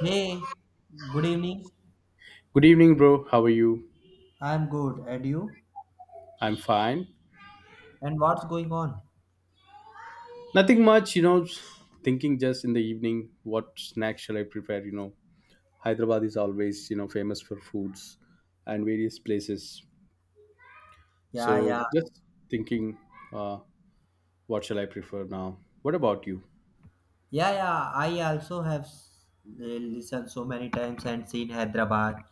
Hey, good evening. Good evening, bro. How are you? I'm good. And you? I'm fine. And what's going on? Nothing much, you know, thinking just in the evening, what snack shall I prepare? You know, Hyderabad is always, you know, famous for foods and various places. Yeah, So yeah. just thinking, uh, what shall I prefer now? What about you? Yeah, yeah. I also have listened so many times and seen Hyderabad,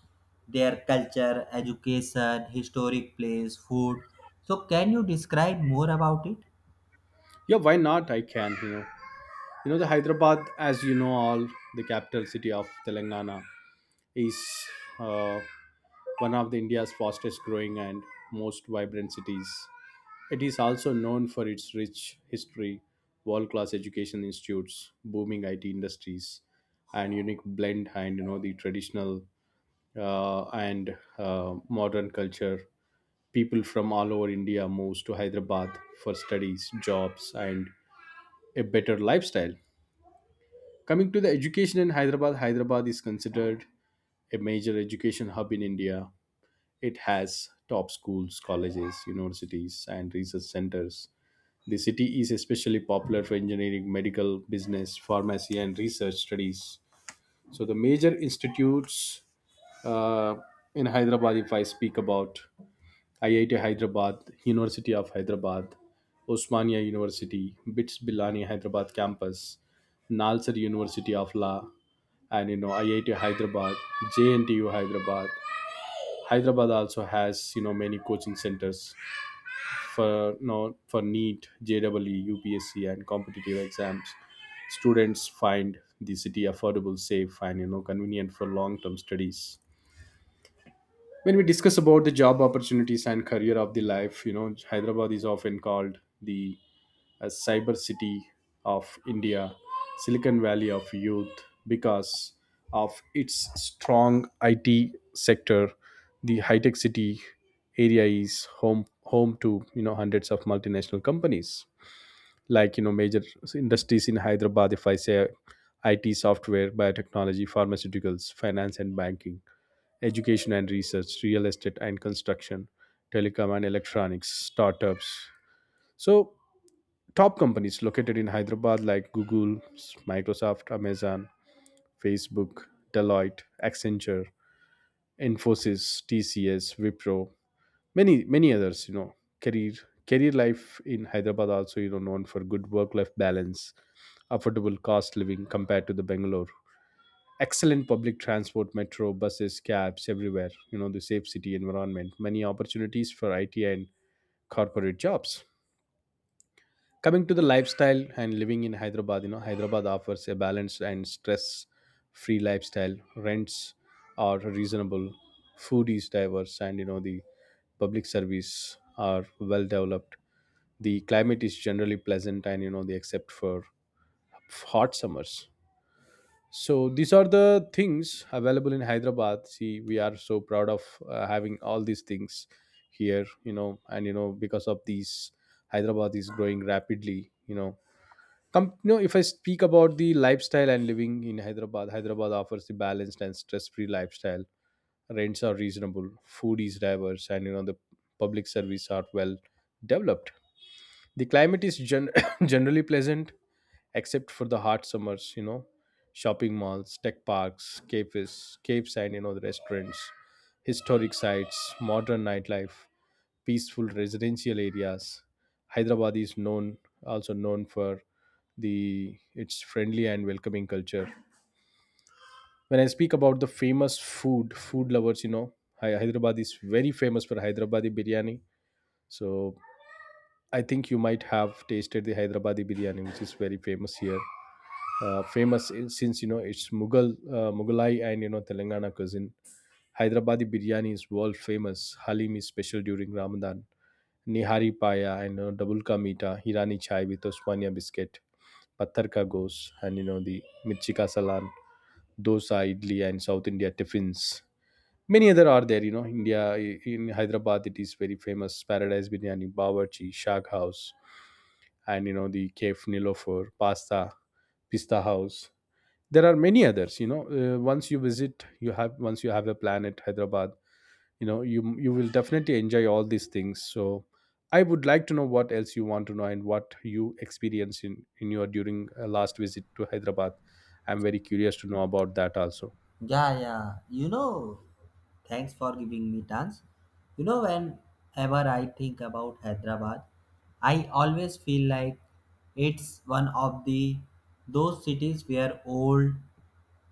their culture, education, historic place, food. So, can you describe more about it? Yeah, why not? I can, you know. You know, the Hyderabad, as you know, all the capital city of Telangana is uh, one of the India's fastest growing and most vibrant cities. It is also known for its rich history, world class education institutes, booming IT industries, and unique blend and you know the traditional and modern culture. People from all over India moves to Hyderabad for studies, jobs, and a better lifestyle. Coming to the education in Hyderabad, Hyderabad is considered a major education hub in India. It has top schools, colleges, universities, and research centers. The city is especially popular for engineering, medical, business, pharmacy, and research studies. So the major institutes, uh, in Hyderabad, if I speak about IIT Hyderabad, University of Hyderabad, Osmania University, BITS Bilani Hyderabad campus, Nalsar University of Law, and you know IIT Hyderabad, JNTU Hyderabad. Hyderabad also has you know many coaching centers for you know, for NEET, JEE, UPSC, and competitive exams. Students find the city affordable, safe, and you know convenient for long-term studies. When we discuss about the job opportunities and career of the life, you know Hyderabad is often called the cyber city of India, Silicon Valley of youth, because of its strong IT sector. The high-tech city area is home to you know hundreds of multinational companies like you know major industries in Hyderabad, if I say, IT, software, biotechnology, pharmaceuticals, finance and banking, education and research, real estate and construction, telecom and electronics, startups. So top companies located in Hyderabad like Google, Microsoft, Amazon, Facebook, Deloitte, Accenture, Infosys, TCS, Wipro, many many others, you know. Career career life in Hyderabad also you know known for good work life balance, affordable cost living compared to the Bangalore. Excellent public transport, metro, buses, cabs everywhere. You know, the safe city environment, many opportunities for IT and corporate jobs. Coming to the lifestyle and living in Hyderabad, you know, Hyderabad offers a balanced and stress free lifestyle. Rents are reasonable, food is diverse, and you know, the public service are well developed. The climate is generally pleasant and you know, they except for hot summers. So these are the things available in Hyderabad. See, we are so proud of having all these things here, you know, and you know because of these, Hyderabad is growing rapidly. You know, come, you know, if I speak about the lifestyle and living in Hyderabad, Hyderabad offers the balanced and stress-free lifestyle. Rents are reasonable, food is diverse, and you know the public service are well developed. The climate is generally pleasant except for the hot summers, you know, shopping malls, tech parks, cafes, caves, and you know, the restaurants, historic sites, modern nightlife, peaceful residential areas. Hyderabad is known also known for the its friendly and welcoming culture. When I speak about the famous food, food lovers, you know, Hyderabad is very famous for Hyderabadi biryani. So I think you might have tasted the Hyderabadi biryani, which is very famous here. Famous since you know it's Mughal Mughalai and you know Telangana cuisine. Hyderabadi biryani is world famous. Halim is special during Ramadan. Nihari paya and you know, double ka meeta, Hirani chai with Osmania biscuit, Patthar ka gos, and you know the mirchi ka salan, dosa, idli, and South India tiffins. Many other are there, you know. India in Hyderabad, it is very famous. Paradise biryani, Bawarchi, Shag House, and you know the Cave Nilofer, pasta, Pista House, there are many others you know. Once you visit, you have once you have a plan at Hyderabad, you know, you will definitely enjoy all these things. So I would like to know what else you want to know and what you experienced in your during last visit to Hyderabad. I'm very curious to know about that also. Yeah, yeah. You know, thanks for giving me chance. You know, whenever I think about Hyderabad, I always feel like it's one of the those cities where old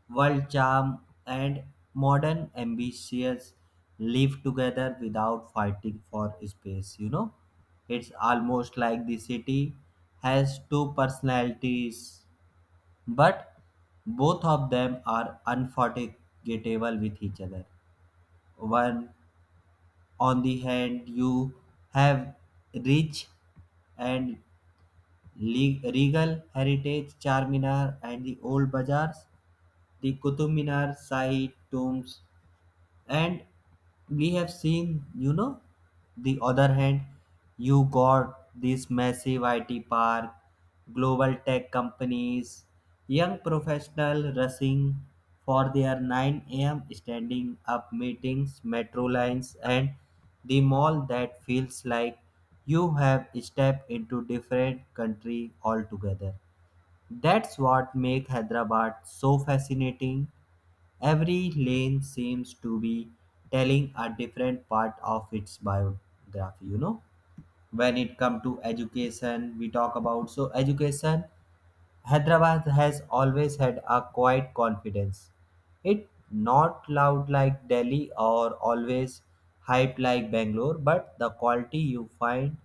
world charm and modern ambitions live together without fighting for space. You know, it's almost like the city has two personalities, but both of them are unforgettable with each other. One, on the hand, you have rich and regal heritage, Charminar and the old bazaars, the Qutub Minar, Shahi tombs, and we have seen, you know, the other hand, you got this massive IT park, global tech companies, young professional rushing for their 9 a.m. standing up meetings, metro lines, and the mall that feels like you have stepped into different country altogether. That's what makes Hyderabad so fascinating. Every lane seems to be telling a different part of its biography, you know. When it comes to education, we talk about so education, Hyderabad has always had a quiet confidence. It not loud like Delhi or always hyped like Bangalore, but the quality you find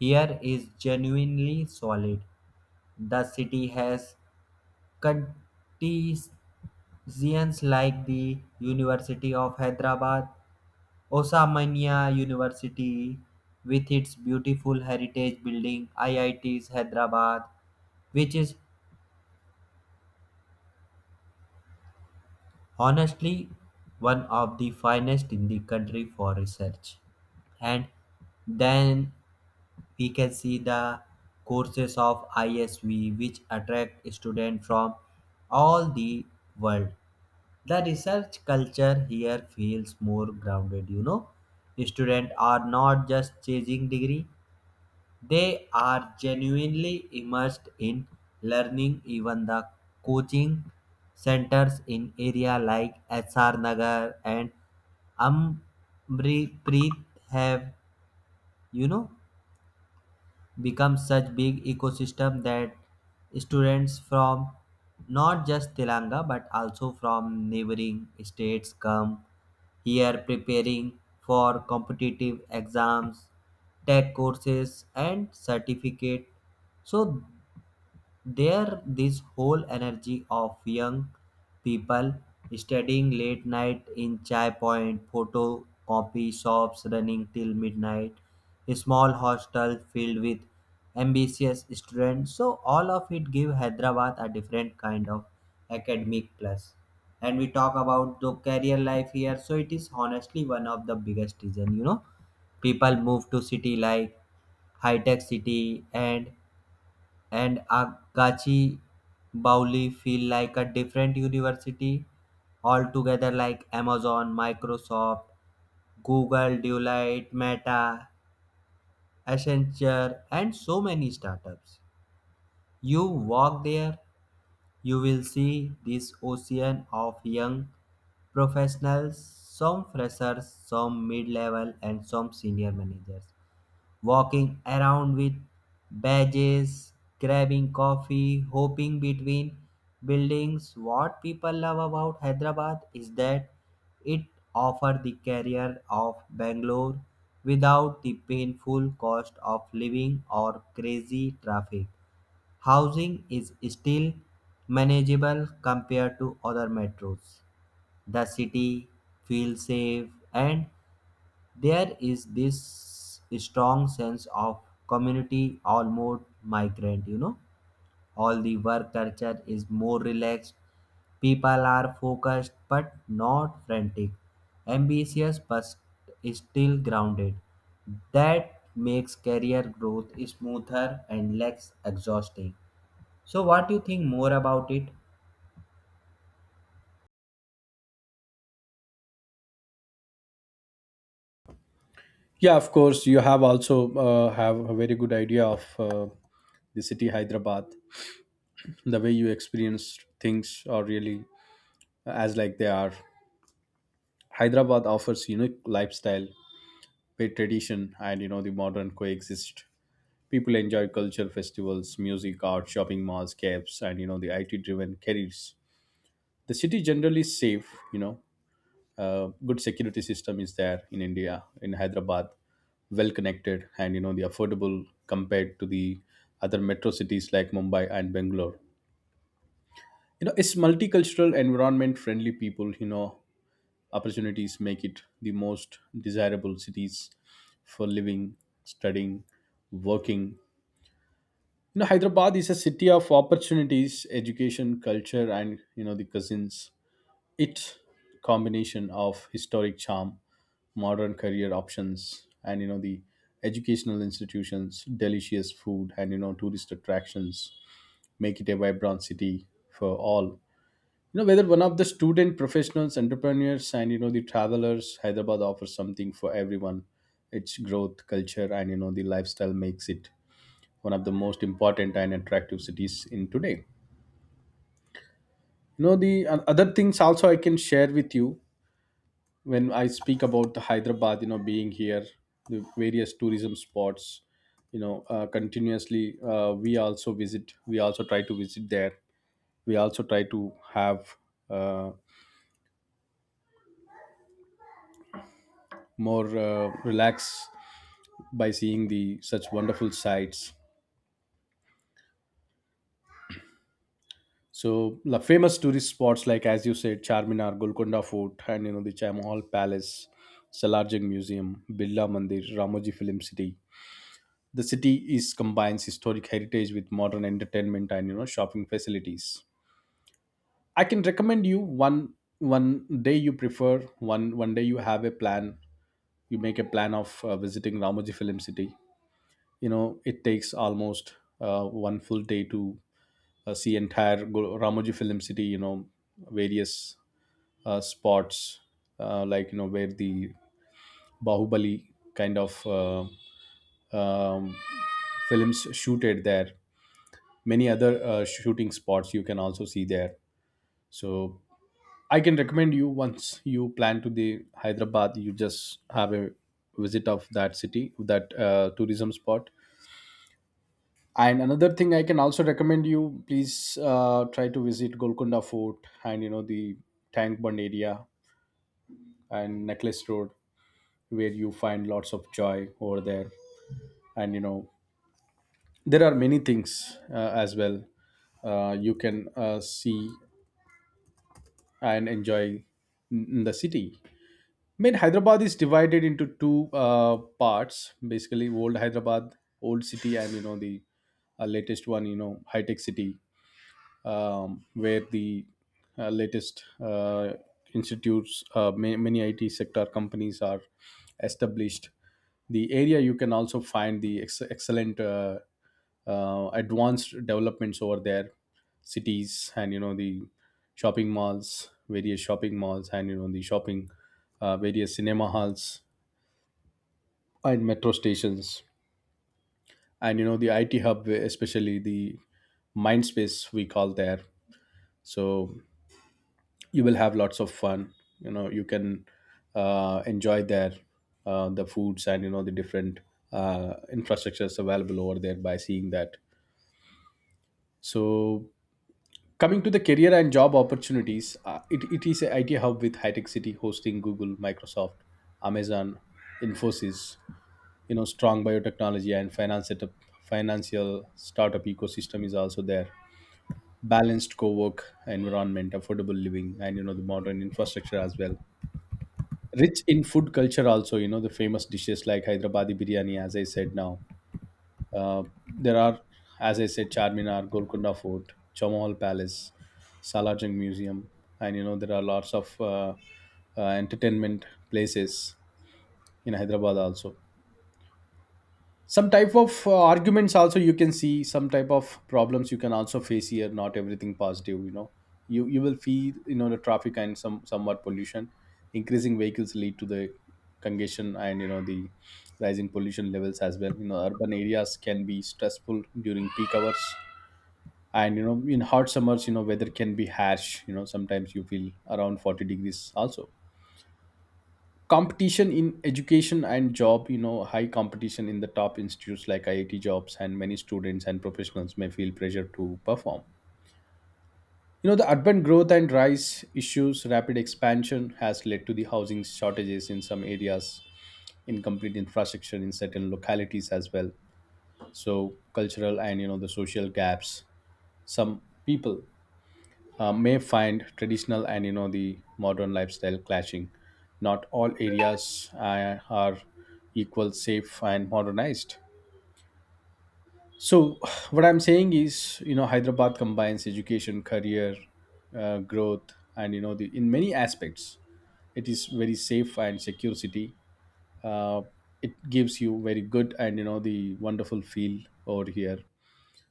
here is genuinely solid. The city has Consortiums like the University of Hyderabad, Osmania University with its beautiful heritage building, IITs Hyderabad, which is honestly one of the finest in the country for research. And then we can see the courses of ISV which attract students from all the world. The research culture here feels more grounded, you know. Students are not just chasing degree, they are genuinely immersed in learning. Even the coaching centers in area like SR Nagar and Amripreet have, you know, become such big ecosystem that students from not just Telangana but also from neighboring states come here preparing for competitive exams, tech courses, and certificate. So there, this whole energy of young people studying late night in chai point, photocopy shops running till midnight, a small hostel filled with ambitious students. So all of it give Hyderabad a different kind of academic plus. And we talk about the career life here. So it is honestly one of the biggest reason. You know, people move to city like high tech city and Agachi Bauli feel like a different university altogether, like Amazon, Microsoft, Google, Deloitte, Meta, Accenture and so many startups. You walk there, you will see this ocean of young professionals, some freshers, some mid-level and some senior managers walking around with badges, grabbing coffee, hopping between buildings. What people love about Hyderabad is that it offers the career of Bangalore without the painful cost of living or crazy traffic. Housing is still manageable compared to other metros. The city feels safe and there is this strong sense of community, almost migrant, you know. All the work culture is more relaxed. People are focused but not frantic, ambitious but still grounded. That makes career growth smoother and less exhausting. So, what do you think more about it? Yeah, of course you have also have a very good idea of the city Hyderabad. The way you experience things are really as like they are. Hyderabad offers unique lifestyle where tradition and you know the modern coexist. People enjoy culture, festivals, music, art, shopping malls, cabs, and you know the IT driven careers. The city generally is safe, you know, good security system is there in India, in Hyderabad, well connected and you know the affordable compared to the other metro cities like Mumbai and Bangalore. You know, it's multicultural environment, friendly people, you know, opportunities make it the most desirable cities for living, studying, working. You know, Hyderabad is a city of opportunities, education, culture, and you know the cousins. Its combination of historic charm, modern career options, and you know the educational institutions, delicious food, and you know tourist attractions make it a vibrant city for all, you know, whether one of the student, professionals, entrepreneurs, and you know the travelers, Hyderabad offers something for everyone. Its growth, culture, and you know the lifestyle makes it one of the most important and attractive cities in today, you know. The other things also I can share with you. When I speak about the Hyderabad, you know, being here, the various tourism spots, you know, continuously, we also visit, we also try to visit there. We also try to have uh, more relaxed by seeing the such wonderful sights. So the famous tourist spots like, as you said, Charminar, Golconda Fort, and you know the Chamahal Palace, Salarjung Museum, Birla Mandir, Ramoji Film City. The city is combines historic heritage with modern entertainment and you know shopping facilities. I can recommend you one one day you prefer one one day you have a plan, you make a plan of visiting Ramoji Film City. You know, it takes almost one full day to see entire Ramoji Film City, you know, various spots like, you know, where the Bahubali kind of um, films shooted there. Many other shooting spots you can also see there. So I can recommend you, once you plan to the Hyderabad, you just have a visit of that city, that tourism spot. And another thing I can also recommend you, please try to visit Golconda Fort and you know the Tank Bund area and Necklace Road, where you find lots of joy over there. And you know there are many things as well, you can see and enjoy in the city. I mean, Hyderabad is divided into two parts, basically old Hyderabad, old city, and you know the latest one, you know, high tech city, where the latest institutes, many IT sector companies are established. The area you can also find the excellent advanced developments over there, cities and you know the shopping malls, various shopping malls and you know the shopping, various cinema halls and metro stations and you know the IT hub, especially the Mindspace we call there. So you will have lots of fun, you know, you can enjoy there the foods and you know the different infrastructures available over there by seeing that. So coming to the career and job opportunities, it is a IT hub with high-tech city hosting Google, Microsoft, Amazon, Infosys, you know, strong biotechnology and finance setup, financial startup ecosystem is also there, balanced co-work environment, affordable living, and you know the modern infrastructure as well, rich in food culture also, you know the famous dishes like Hyderabadi biryani as I said now. uh, there are, as I said, Charminar, Golconda Fort, Chamahal Palace, Salajung Museum, and you know there are lots of entertainment places in Hyderabad also. Some type of arguments also you can see, some type of problems you can also face here, not everything positive, you know. You will feel you know the traffic and somewhat pollution, increasing vehicles lead to the congestion and you know the rising pollution levels as well, you know, urban areas can be stressful during peak hours. And you know in hot summers, you know weather can be harsh, you know sometimes you feel around 40 degrees also. Competition in education and job, you know high competition in the top institutes like IIT jobs, and many students and professionals may feel pressure to perform. You know the urban growth and rise issues, rapid expansion has led to the housing shortages in some areas, incomplete infrastructure in certain localities as well. So cultural and you know the social gaps, some people may find traditional and you know the modern lifestyle clashing. Not all areas are equal, safe, and modernized. So what I'm saying is, you know, Hyderabad combines education, career, growth, and you know the in many aspects, it is very safe and secure city. Uh, it gives you very good and you know the wonderful feel over here.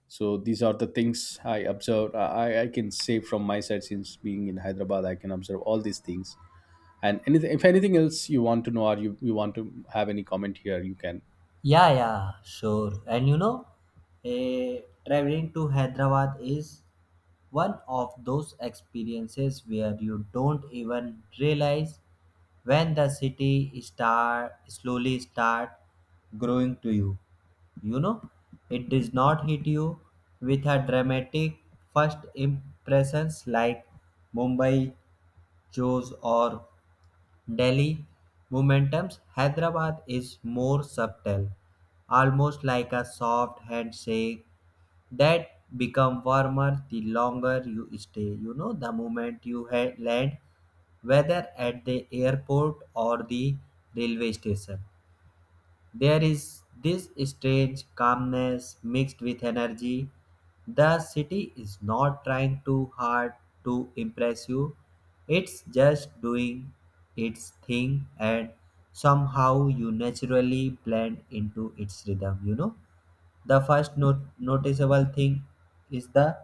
So these are the things I observed. I can say from my side, since being in Hyderabad I can observe all these things. And anything, if anything else you want to know, or you want to have any comment here, you can. Yeah, yeah, sure. And you know, eh, traveling to Hyderabad is one of those experiences where you don't even realize when the city start slowly start growing to you, you know. It does not hit you with a dramatic first impressions like Mumbai shows or Delhi momentums. Hyderabad is more subtle, almost like a soft handshake that become warmer the longer you stay. You know, the moment you land, whether at the airport or the railway station. There is this strange calmness mixed with energy. The city is not trying too hard to impress you, it's just doing its thing, and somehow you naturally blend into its rhythm. You know, the first noticeable thing is the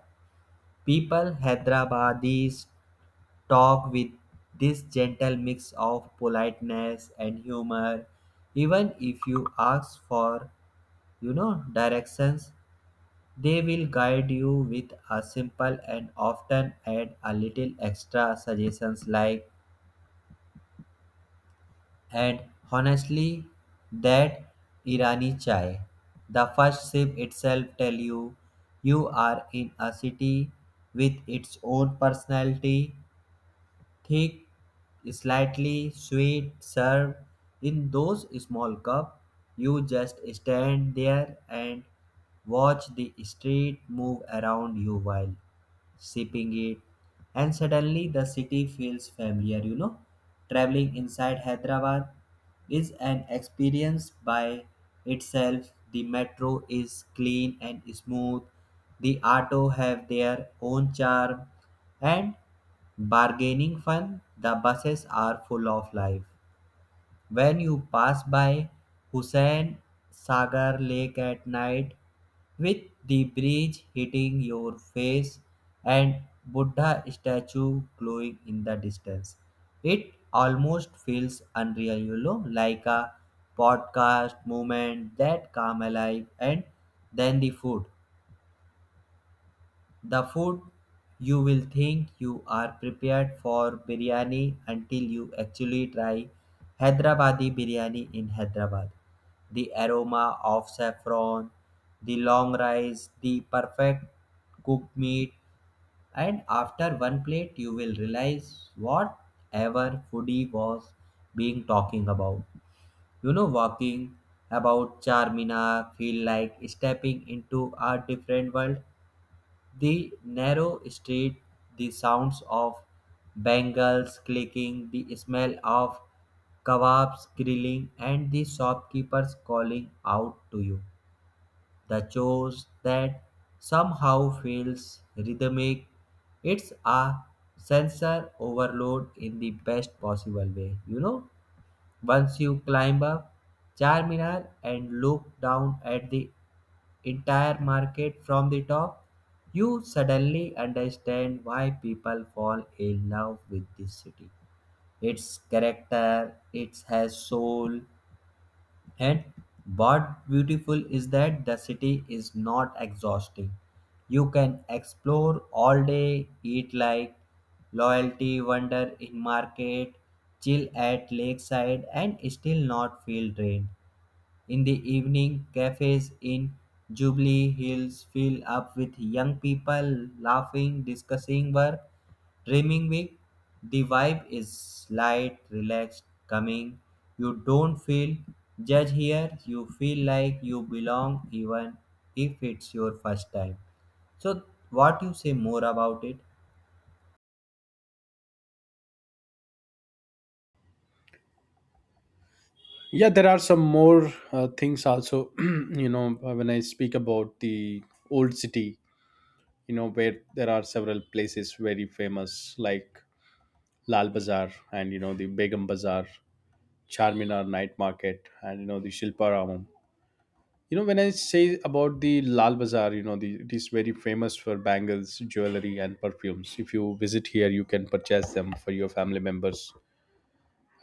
people. Hyderabadis talk with this gentle mix of politeness and humor, even if you ask for, you know, directions. They will guide you with a simple and often add a little extra suggestions like, and honestly, that irani chai, the first sip itself tell you you are in a city with its own personality. Thick, slightly sweet, served in those small cups. You just stand there and watch the street move around you while sipping it. And suddenly the city feels familiar, you know. Traveling inside Hyderabad is an experience by itself. The metro is clean and smooth. The auto have their own charm and bargaining fun, the buses are full of life. When you pass by Hussain Sagar Lake at night, with the breeze hitting your face and Buddha statue glowing in the distance, it almost feels unreal, you know, like a podcast moment that come alive. And then the food. The food, you will think you are prepared for biryani until you actually try Hyderabadi biryani in Hyderabad. The aroma of saffron, the long rice, the perfect cooked meat, and after one plate, you will realize whatever foodie was being talking about. You know, walking about Charminar feel like stepping into a different world. The narrow street, the sounds of bangles clicking, the smell of kebabs grilling, and the shopkeepers calling out to you. The chores that somehow feels rhythmic. It's a sensor overload in the best possible way. You know, once you climb up Charminar and look down at the entire market from the top, you suddenly understand why people fall in love with this city. Its character, it has soul, and what beautiful is that the city is not exhausting. You can explore all day, eat like loyalty, wander in market, chill at lakeside, and still not feel drained. In the evening, cafes in Jubilee Hills fill up with young people laughing, discussing work, dreaming big. The vibe is light, relaxed, coming. You don't feel judged here. You feel like you belong even if it's your first time. So, what you say more about it? Yeah, there are some more things also. You know, when I speak about the old city, you know, where there are several places very famous, like Lal Bazaar, and you know the Begum Bazaar, Charminar night market, and you know the Shilparamam. You know, when I say about the Lal Bazaar, you know, the, it is very famous for bangles, jewelry, and perfumes. If you visit here, you can purchase them for your family members.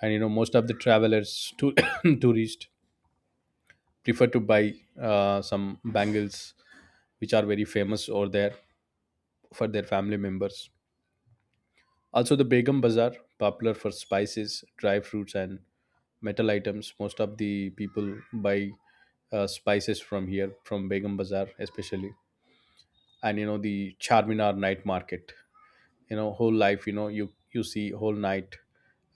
And you know, most of the travelers, to, tourists, prefer to buy some bangles which are very famous over there for their family members. Also, the Begum Bazaar, popular for spices, dry fruits, and metal items. Most of the people buy spices from here, from Begum Bazaar, especially. And you know the Charminar night market. You know, whole life. You know, you see whole night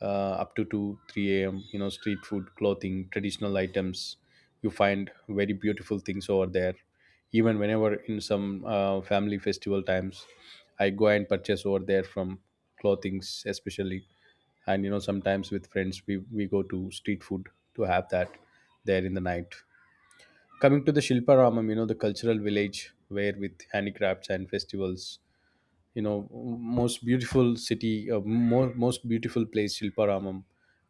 uh, up to two three a.m. You know, street food, clothing, traditional items. You find very beautiful things over there. Even whenever in some family festival times, I go and purchase over there from clothings especially. And you know, sometimes with friends, we go to street food to have that there in the night. Coming to the Shilpa, you know, the cultural village where with handicrafts and festivals, you know, most beautiful city, most beautiful place Shilparamam,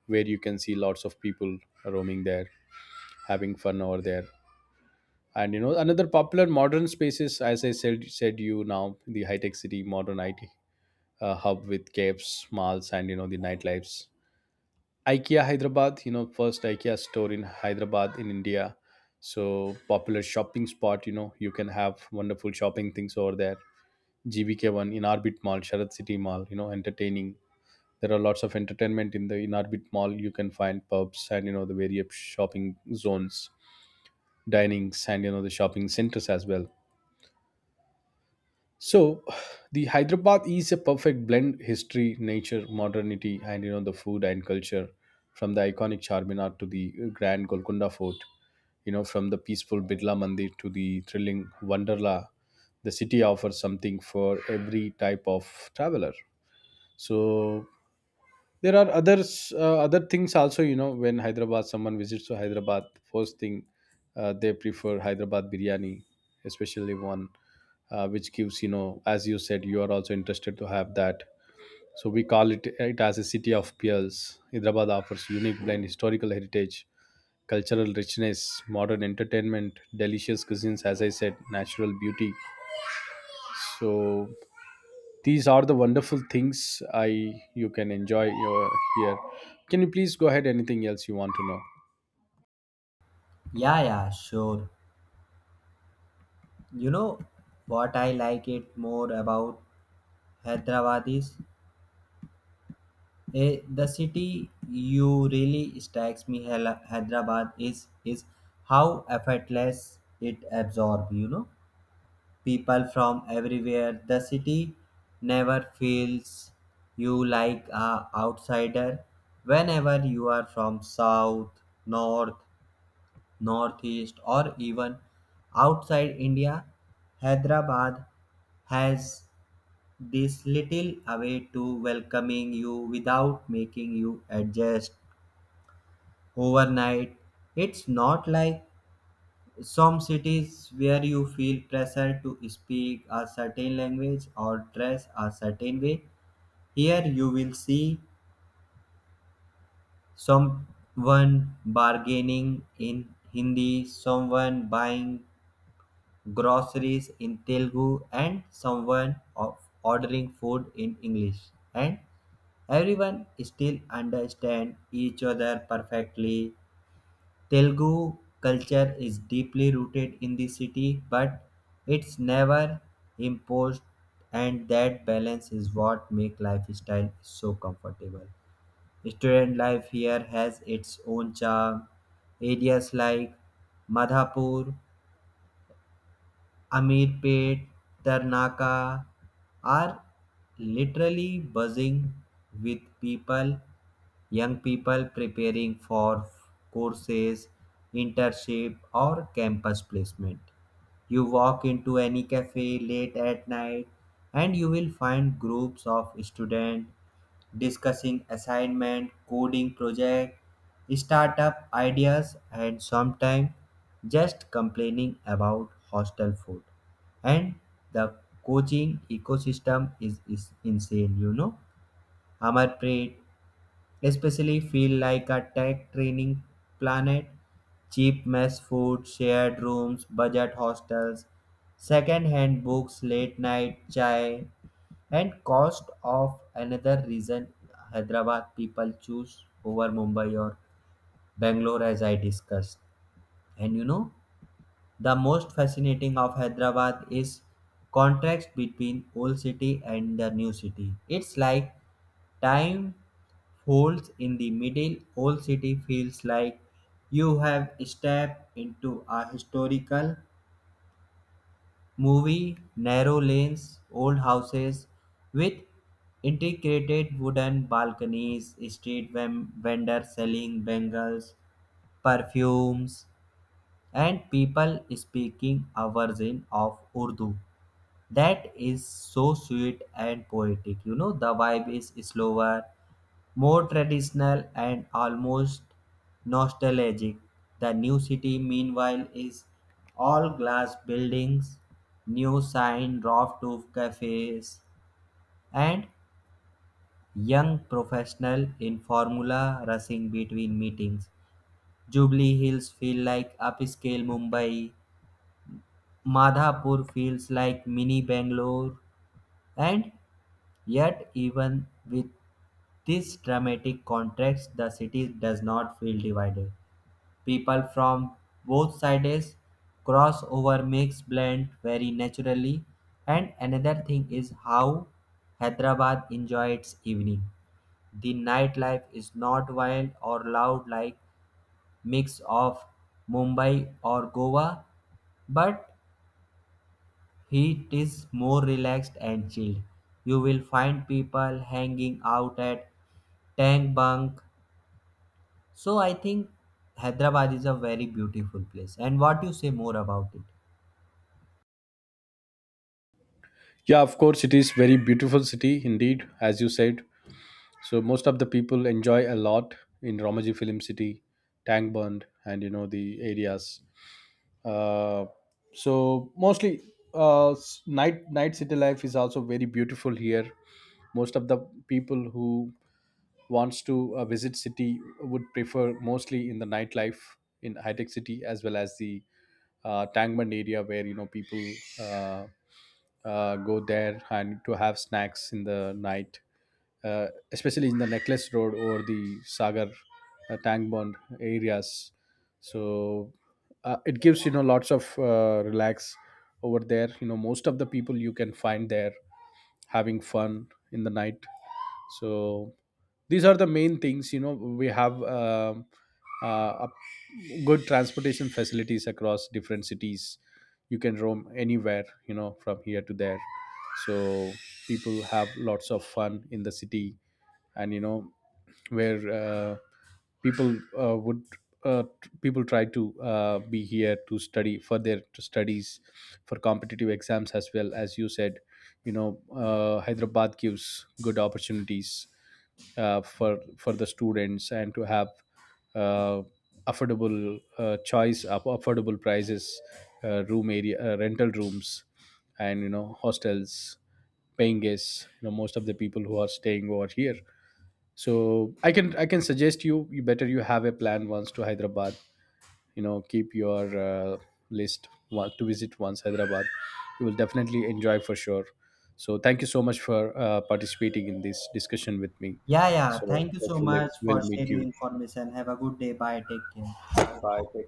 where you can see lots of people roaming there, having fun over there. And you know, another popular modern spaces, as I said, you now the High Tech City, modern IT hub with caves, malls, and you know the nightlifes. IKEA Hyderabad, you know, first IKEA store in Hyderabad, in India. So popular shopping spot, you know, you can have wonderful shopping things over there. GBK1 in Orbit Mall, Sharad City Mall, you know, entertaining. There are lots of entertainment in the In Orbit Mall. You can find pubs, and you know the various shopping zones, dinings, and you know the shopping centers as well. So the Hyderabad is a perfect blend, history, nature, modernity, and you know the food and culture. From the iconic Charminar to the grand Golconda Fort, you know, from the peaceful Bidla Mandir to the thrilling Wonderla, the city offers something for every type of traveler. So there are others, other things also. You know, when Hyderabad, someone visits to Hyderabad, first thing, they prefer Hyderabad biryani, especially one, which gives, you know, as you said, you are also interested to have that. So we call it as a city of pearls. Hyderabad offers unique blend, historical heritage, cultural richness, modern entertainment, delicious cuisines, as I said, natural beauty. So these are the wonderful things. I, you can enjoy your here. Can you please go ahead? Anything else you want to know? Yeah, yeah, sure. You know what I like it more about Hyderabad is, the city you really strikes me. Hyderabad is how effortless it absorbs, you know, people from everywhere. The city never feels you like a outsider, whenever you are from south, north, northeast or even outside India. Hyderabad has this little away to welcoming you without making you adjust overnight. It's not like some cities where you feel pressure to speak a certain language or dress a certain way. Here you will see someone bargaining in Hindi, someone buying groceries in Telugu, and someone of ordering food in English. And everyone still understand each other perfectly. Telugu culture is deeply rooted in the city, but it's never imposed, and that balance is what makes lifestyle so comfortable. Student life here has its own charm. Areas like Madhapur, Amirpet, Tarnaka are literally buzzing with people. Young people preparing for courses, internship, or campus placement. You walk into any cafe late at night and you will find groups of students discussing assignment, coding project, startup ideas, and sometimes just complaining about hostel food. And the coaching ecosystem is insane, you know. Amarpreet especially feel like a tech training planet. Cheap mess food, shared rooms, budget hostels, second hand books, late night chai, and cost of another reason Hyderabad people choose over Mumbai or Bangalore, as I discussed. And you know, the most fascinating of Hyderabad is contrast between old city and the new city. It's like time folds in the middle. Old city feels like you have stepped into a historical movie. Narrow lanes, old houses with integrated wooden balconies, street vendors selling bangles, perfumes, and people speaking a version of Urdu that is so sweet and poetic, you know. The vibe is slower, more traditional and almost nostalgic. The new city, meanwhile, is all glass buildings, new sign, rough roof cafes, and young professional in formula rushing between meetings. Jubilee Hills feel like upscale Mumbai. Madhapur feels like mini Bangalore, and yet even with this dramatic contrast, the city does not feel divided. People from both sides cross over makes blend very naturally. And another thing is how Hyderabad enjoys its evening. The nightlife is not wild or loud like mix of Mumbai or Goa, but it is more relaxed and chilled. You will find people hanging out at tank bunk. So I think Hyderabad is a very beautiful place. And what you say more about it? Yeah, of course, it is very beautiful city indeed, as you said. So most of the people enjoy a lot in Romaji Film City, Tangband, and you know the areas. Uh, so mostly night city life is also very beautiful here. Most of the people who wants to visit city would prefer mostly in the nightlife in High Tech City, as well as the Tangmand area, where you know people uh, go there and to have snacks in the night, especially in the Necklace Road or the Sagar Tangmand areas. So it gives, you know, lots of relax over there. You know, most of the people you can find there having fun in the night. So these are the main things, you know, we have uh, up- good transportation facilities across different cities. You can roam anywhere, you know, from here to there. So people have lots of fun in the city. And you know, where people would people try to be here to study for their studies, for competitive exams. As well, as you said, you know, Hyderabad gives good opportunities, uh, for for the students, and to have uh, affordable choice of affordable prices, room area, rental rooms, and you know, hostels, paying guests. You know, most of the people who are staying over here. So I can suggest you, you better you have a plan once to Hyderabad. You know, keep your list one, to visit once Hyderabad, you will definitely enjoy for sure. So thank you so much for participating in this discussion with me. Yeah, yeah. So Thank you so hopefully much we'll for meet sharing you. information. Have a good day. Bye. Take care. Bye.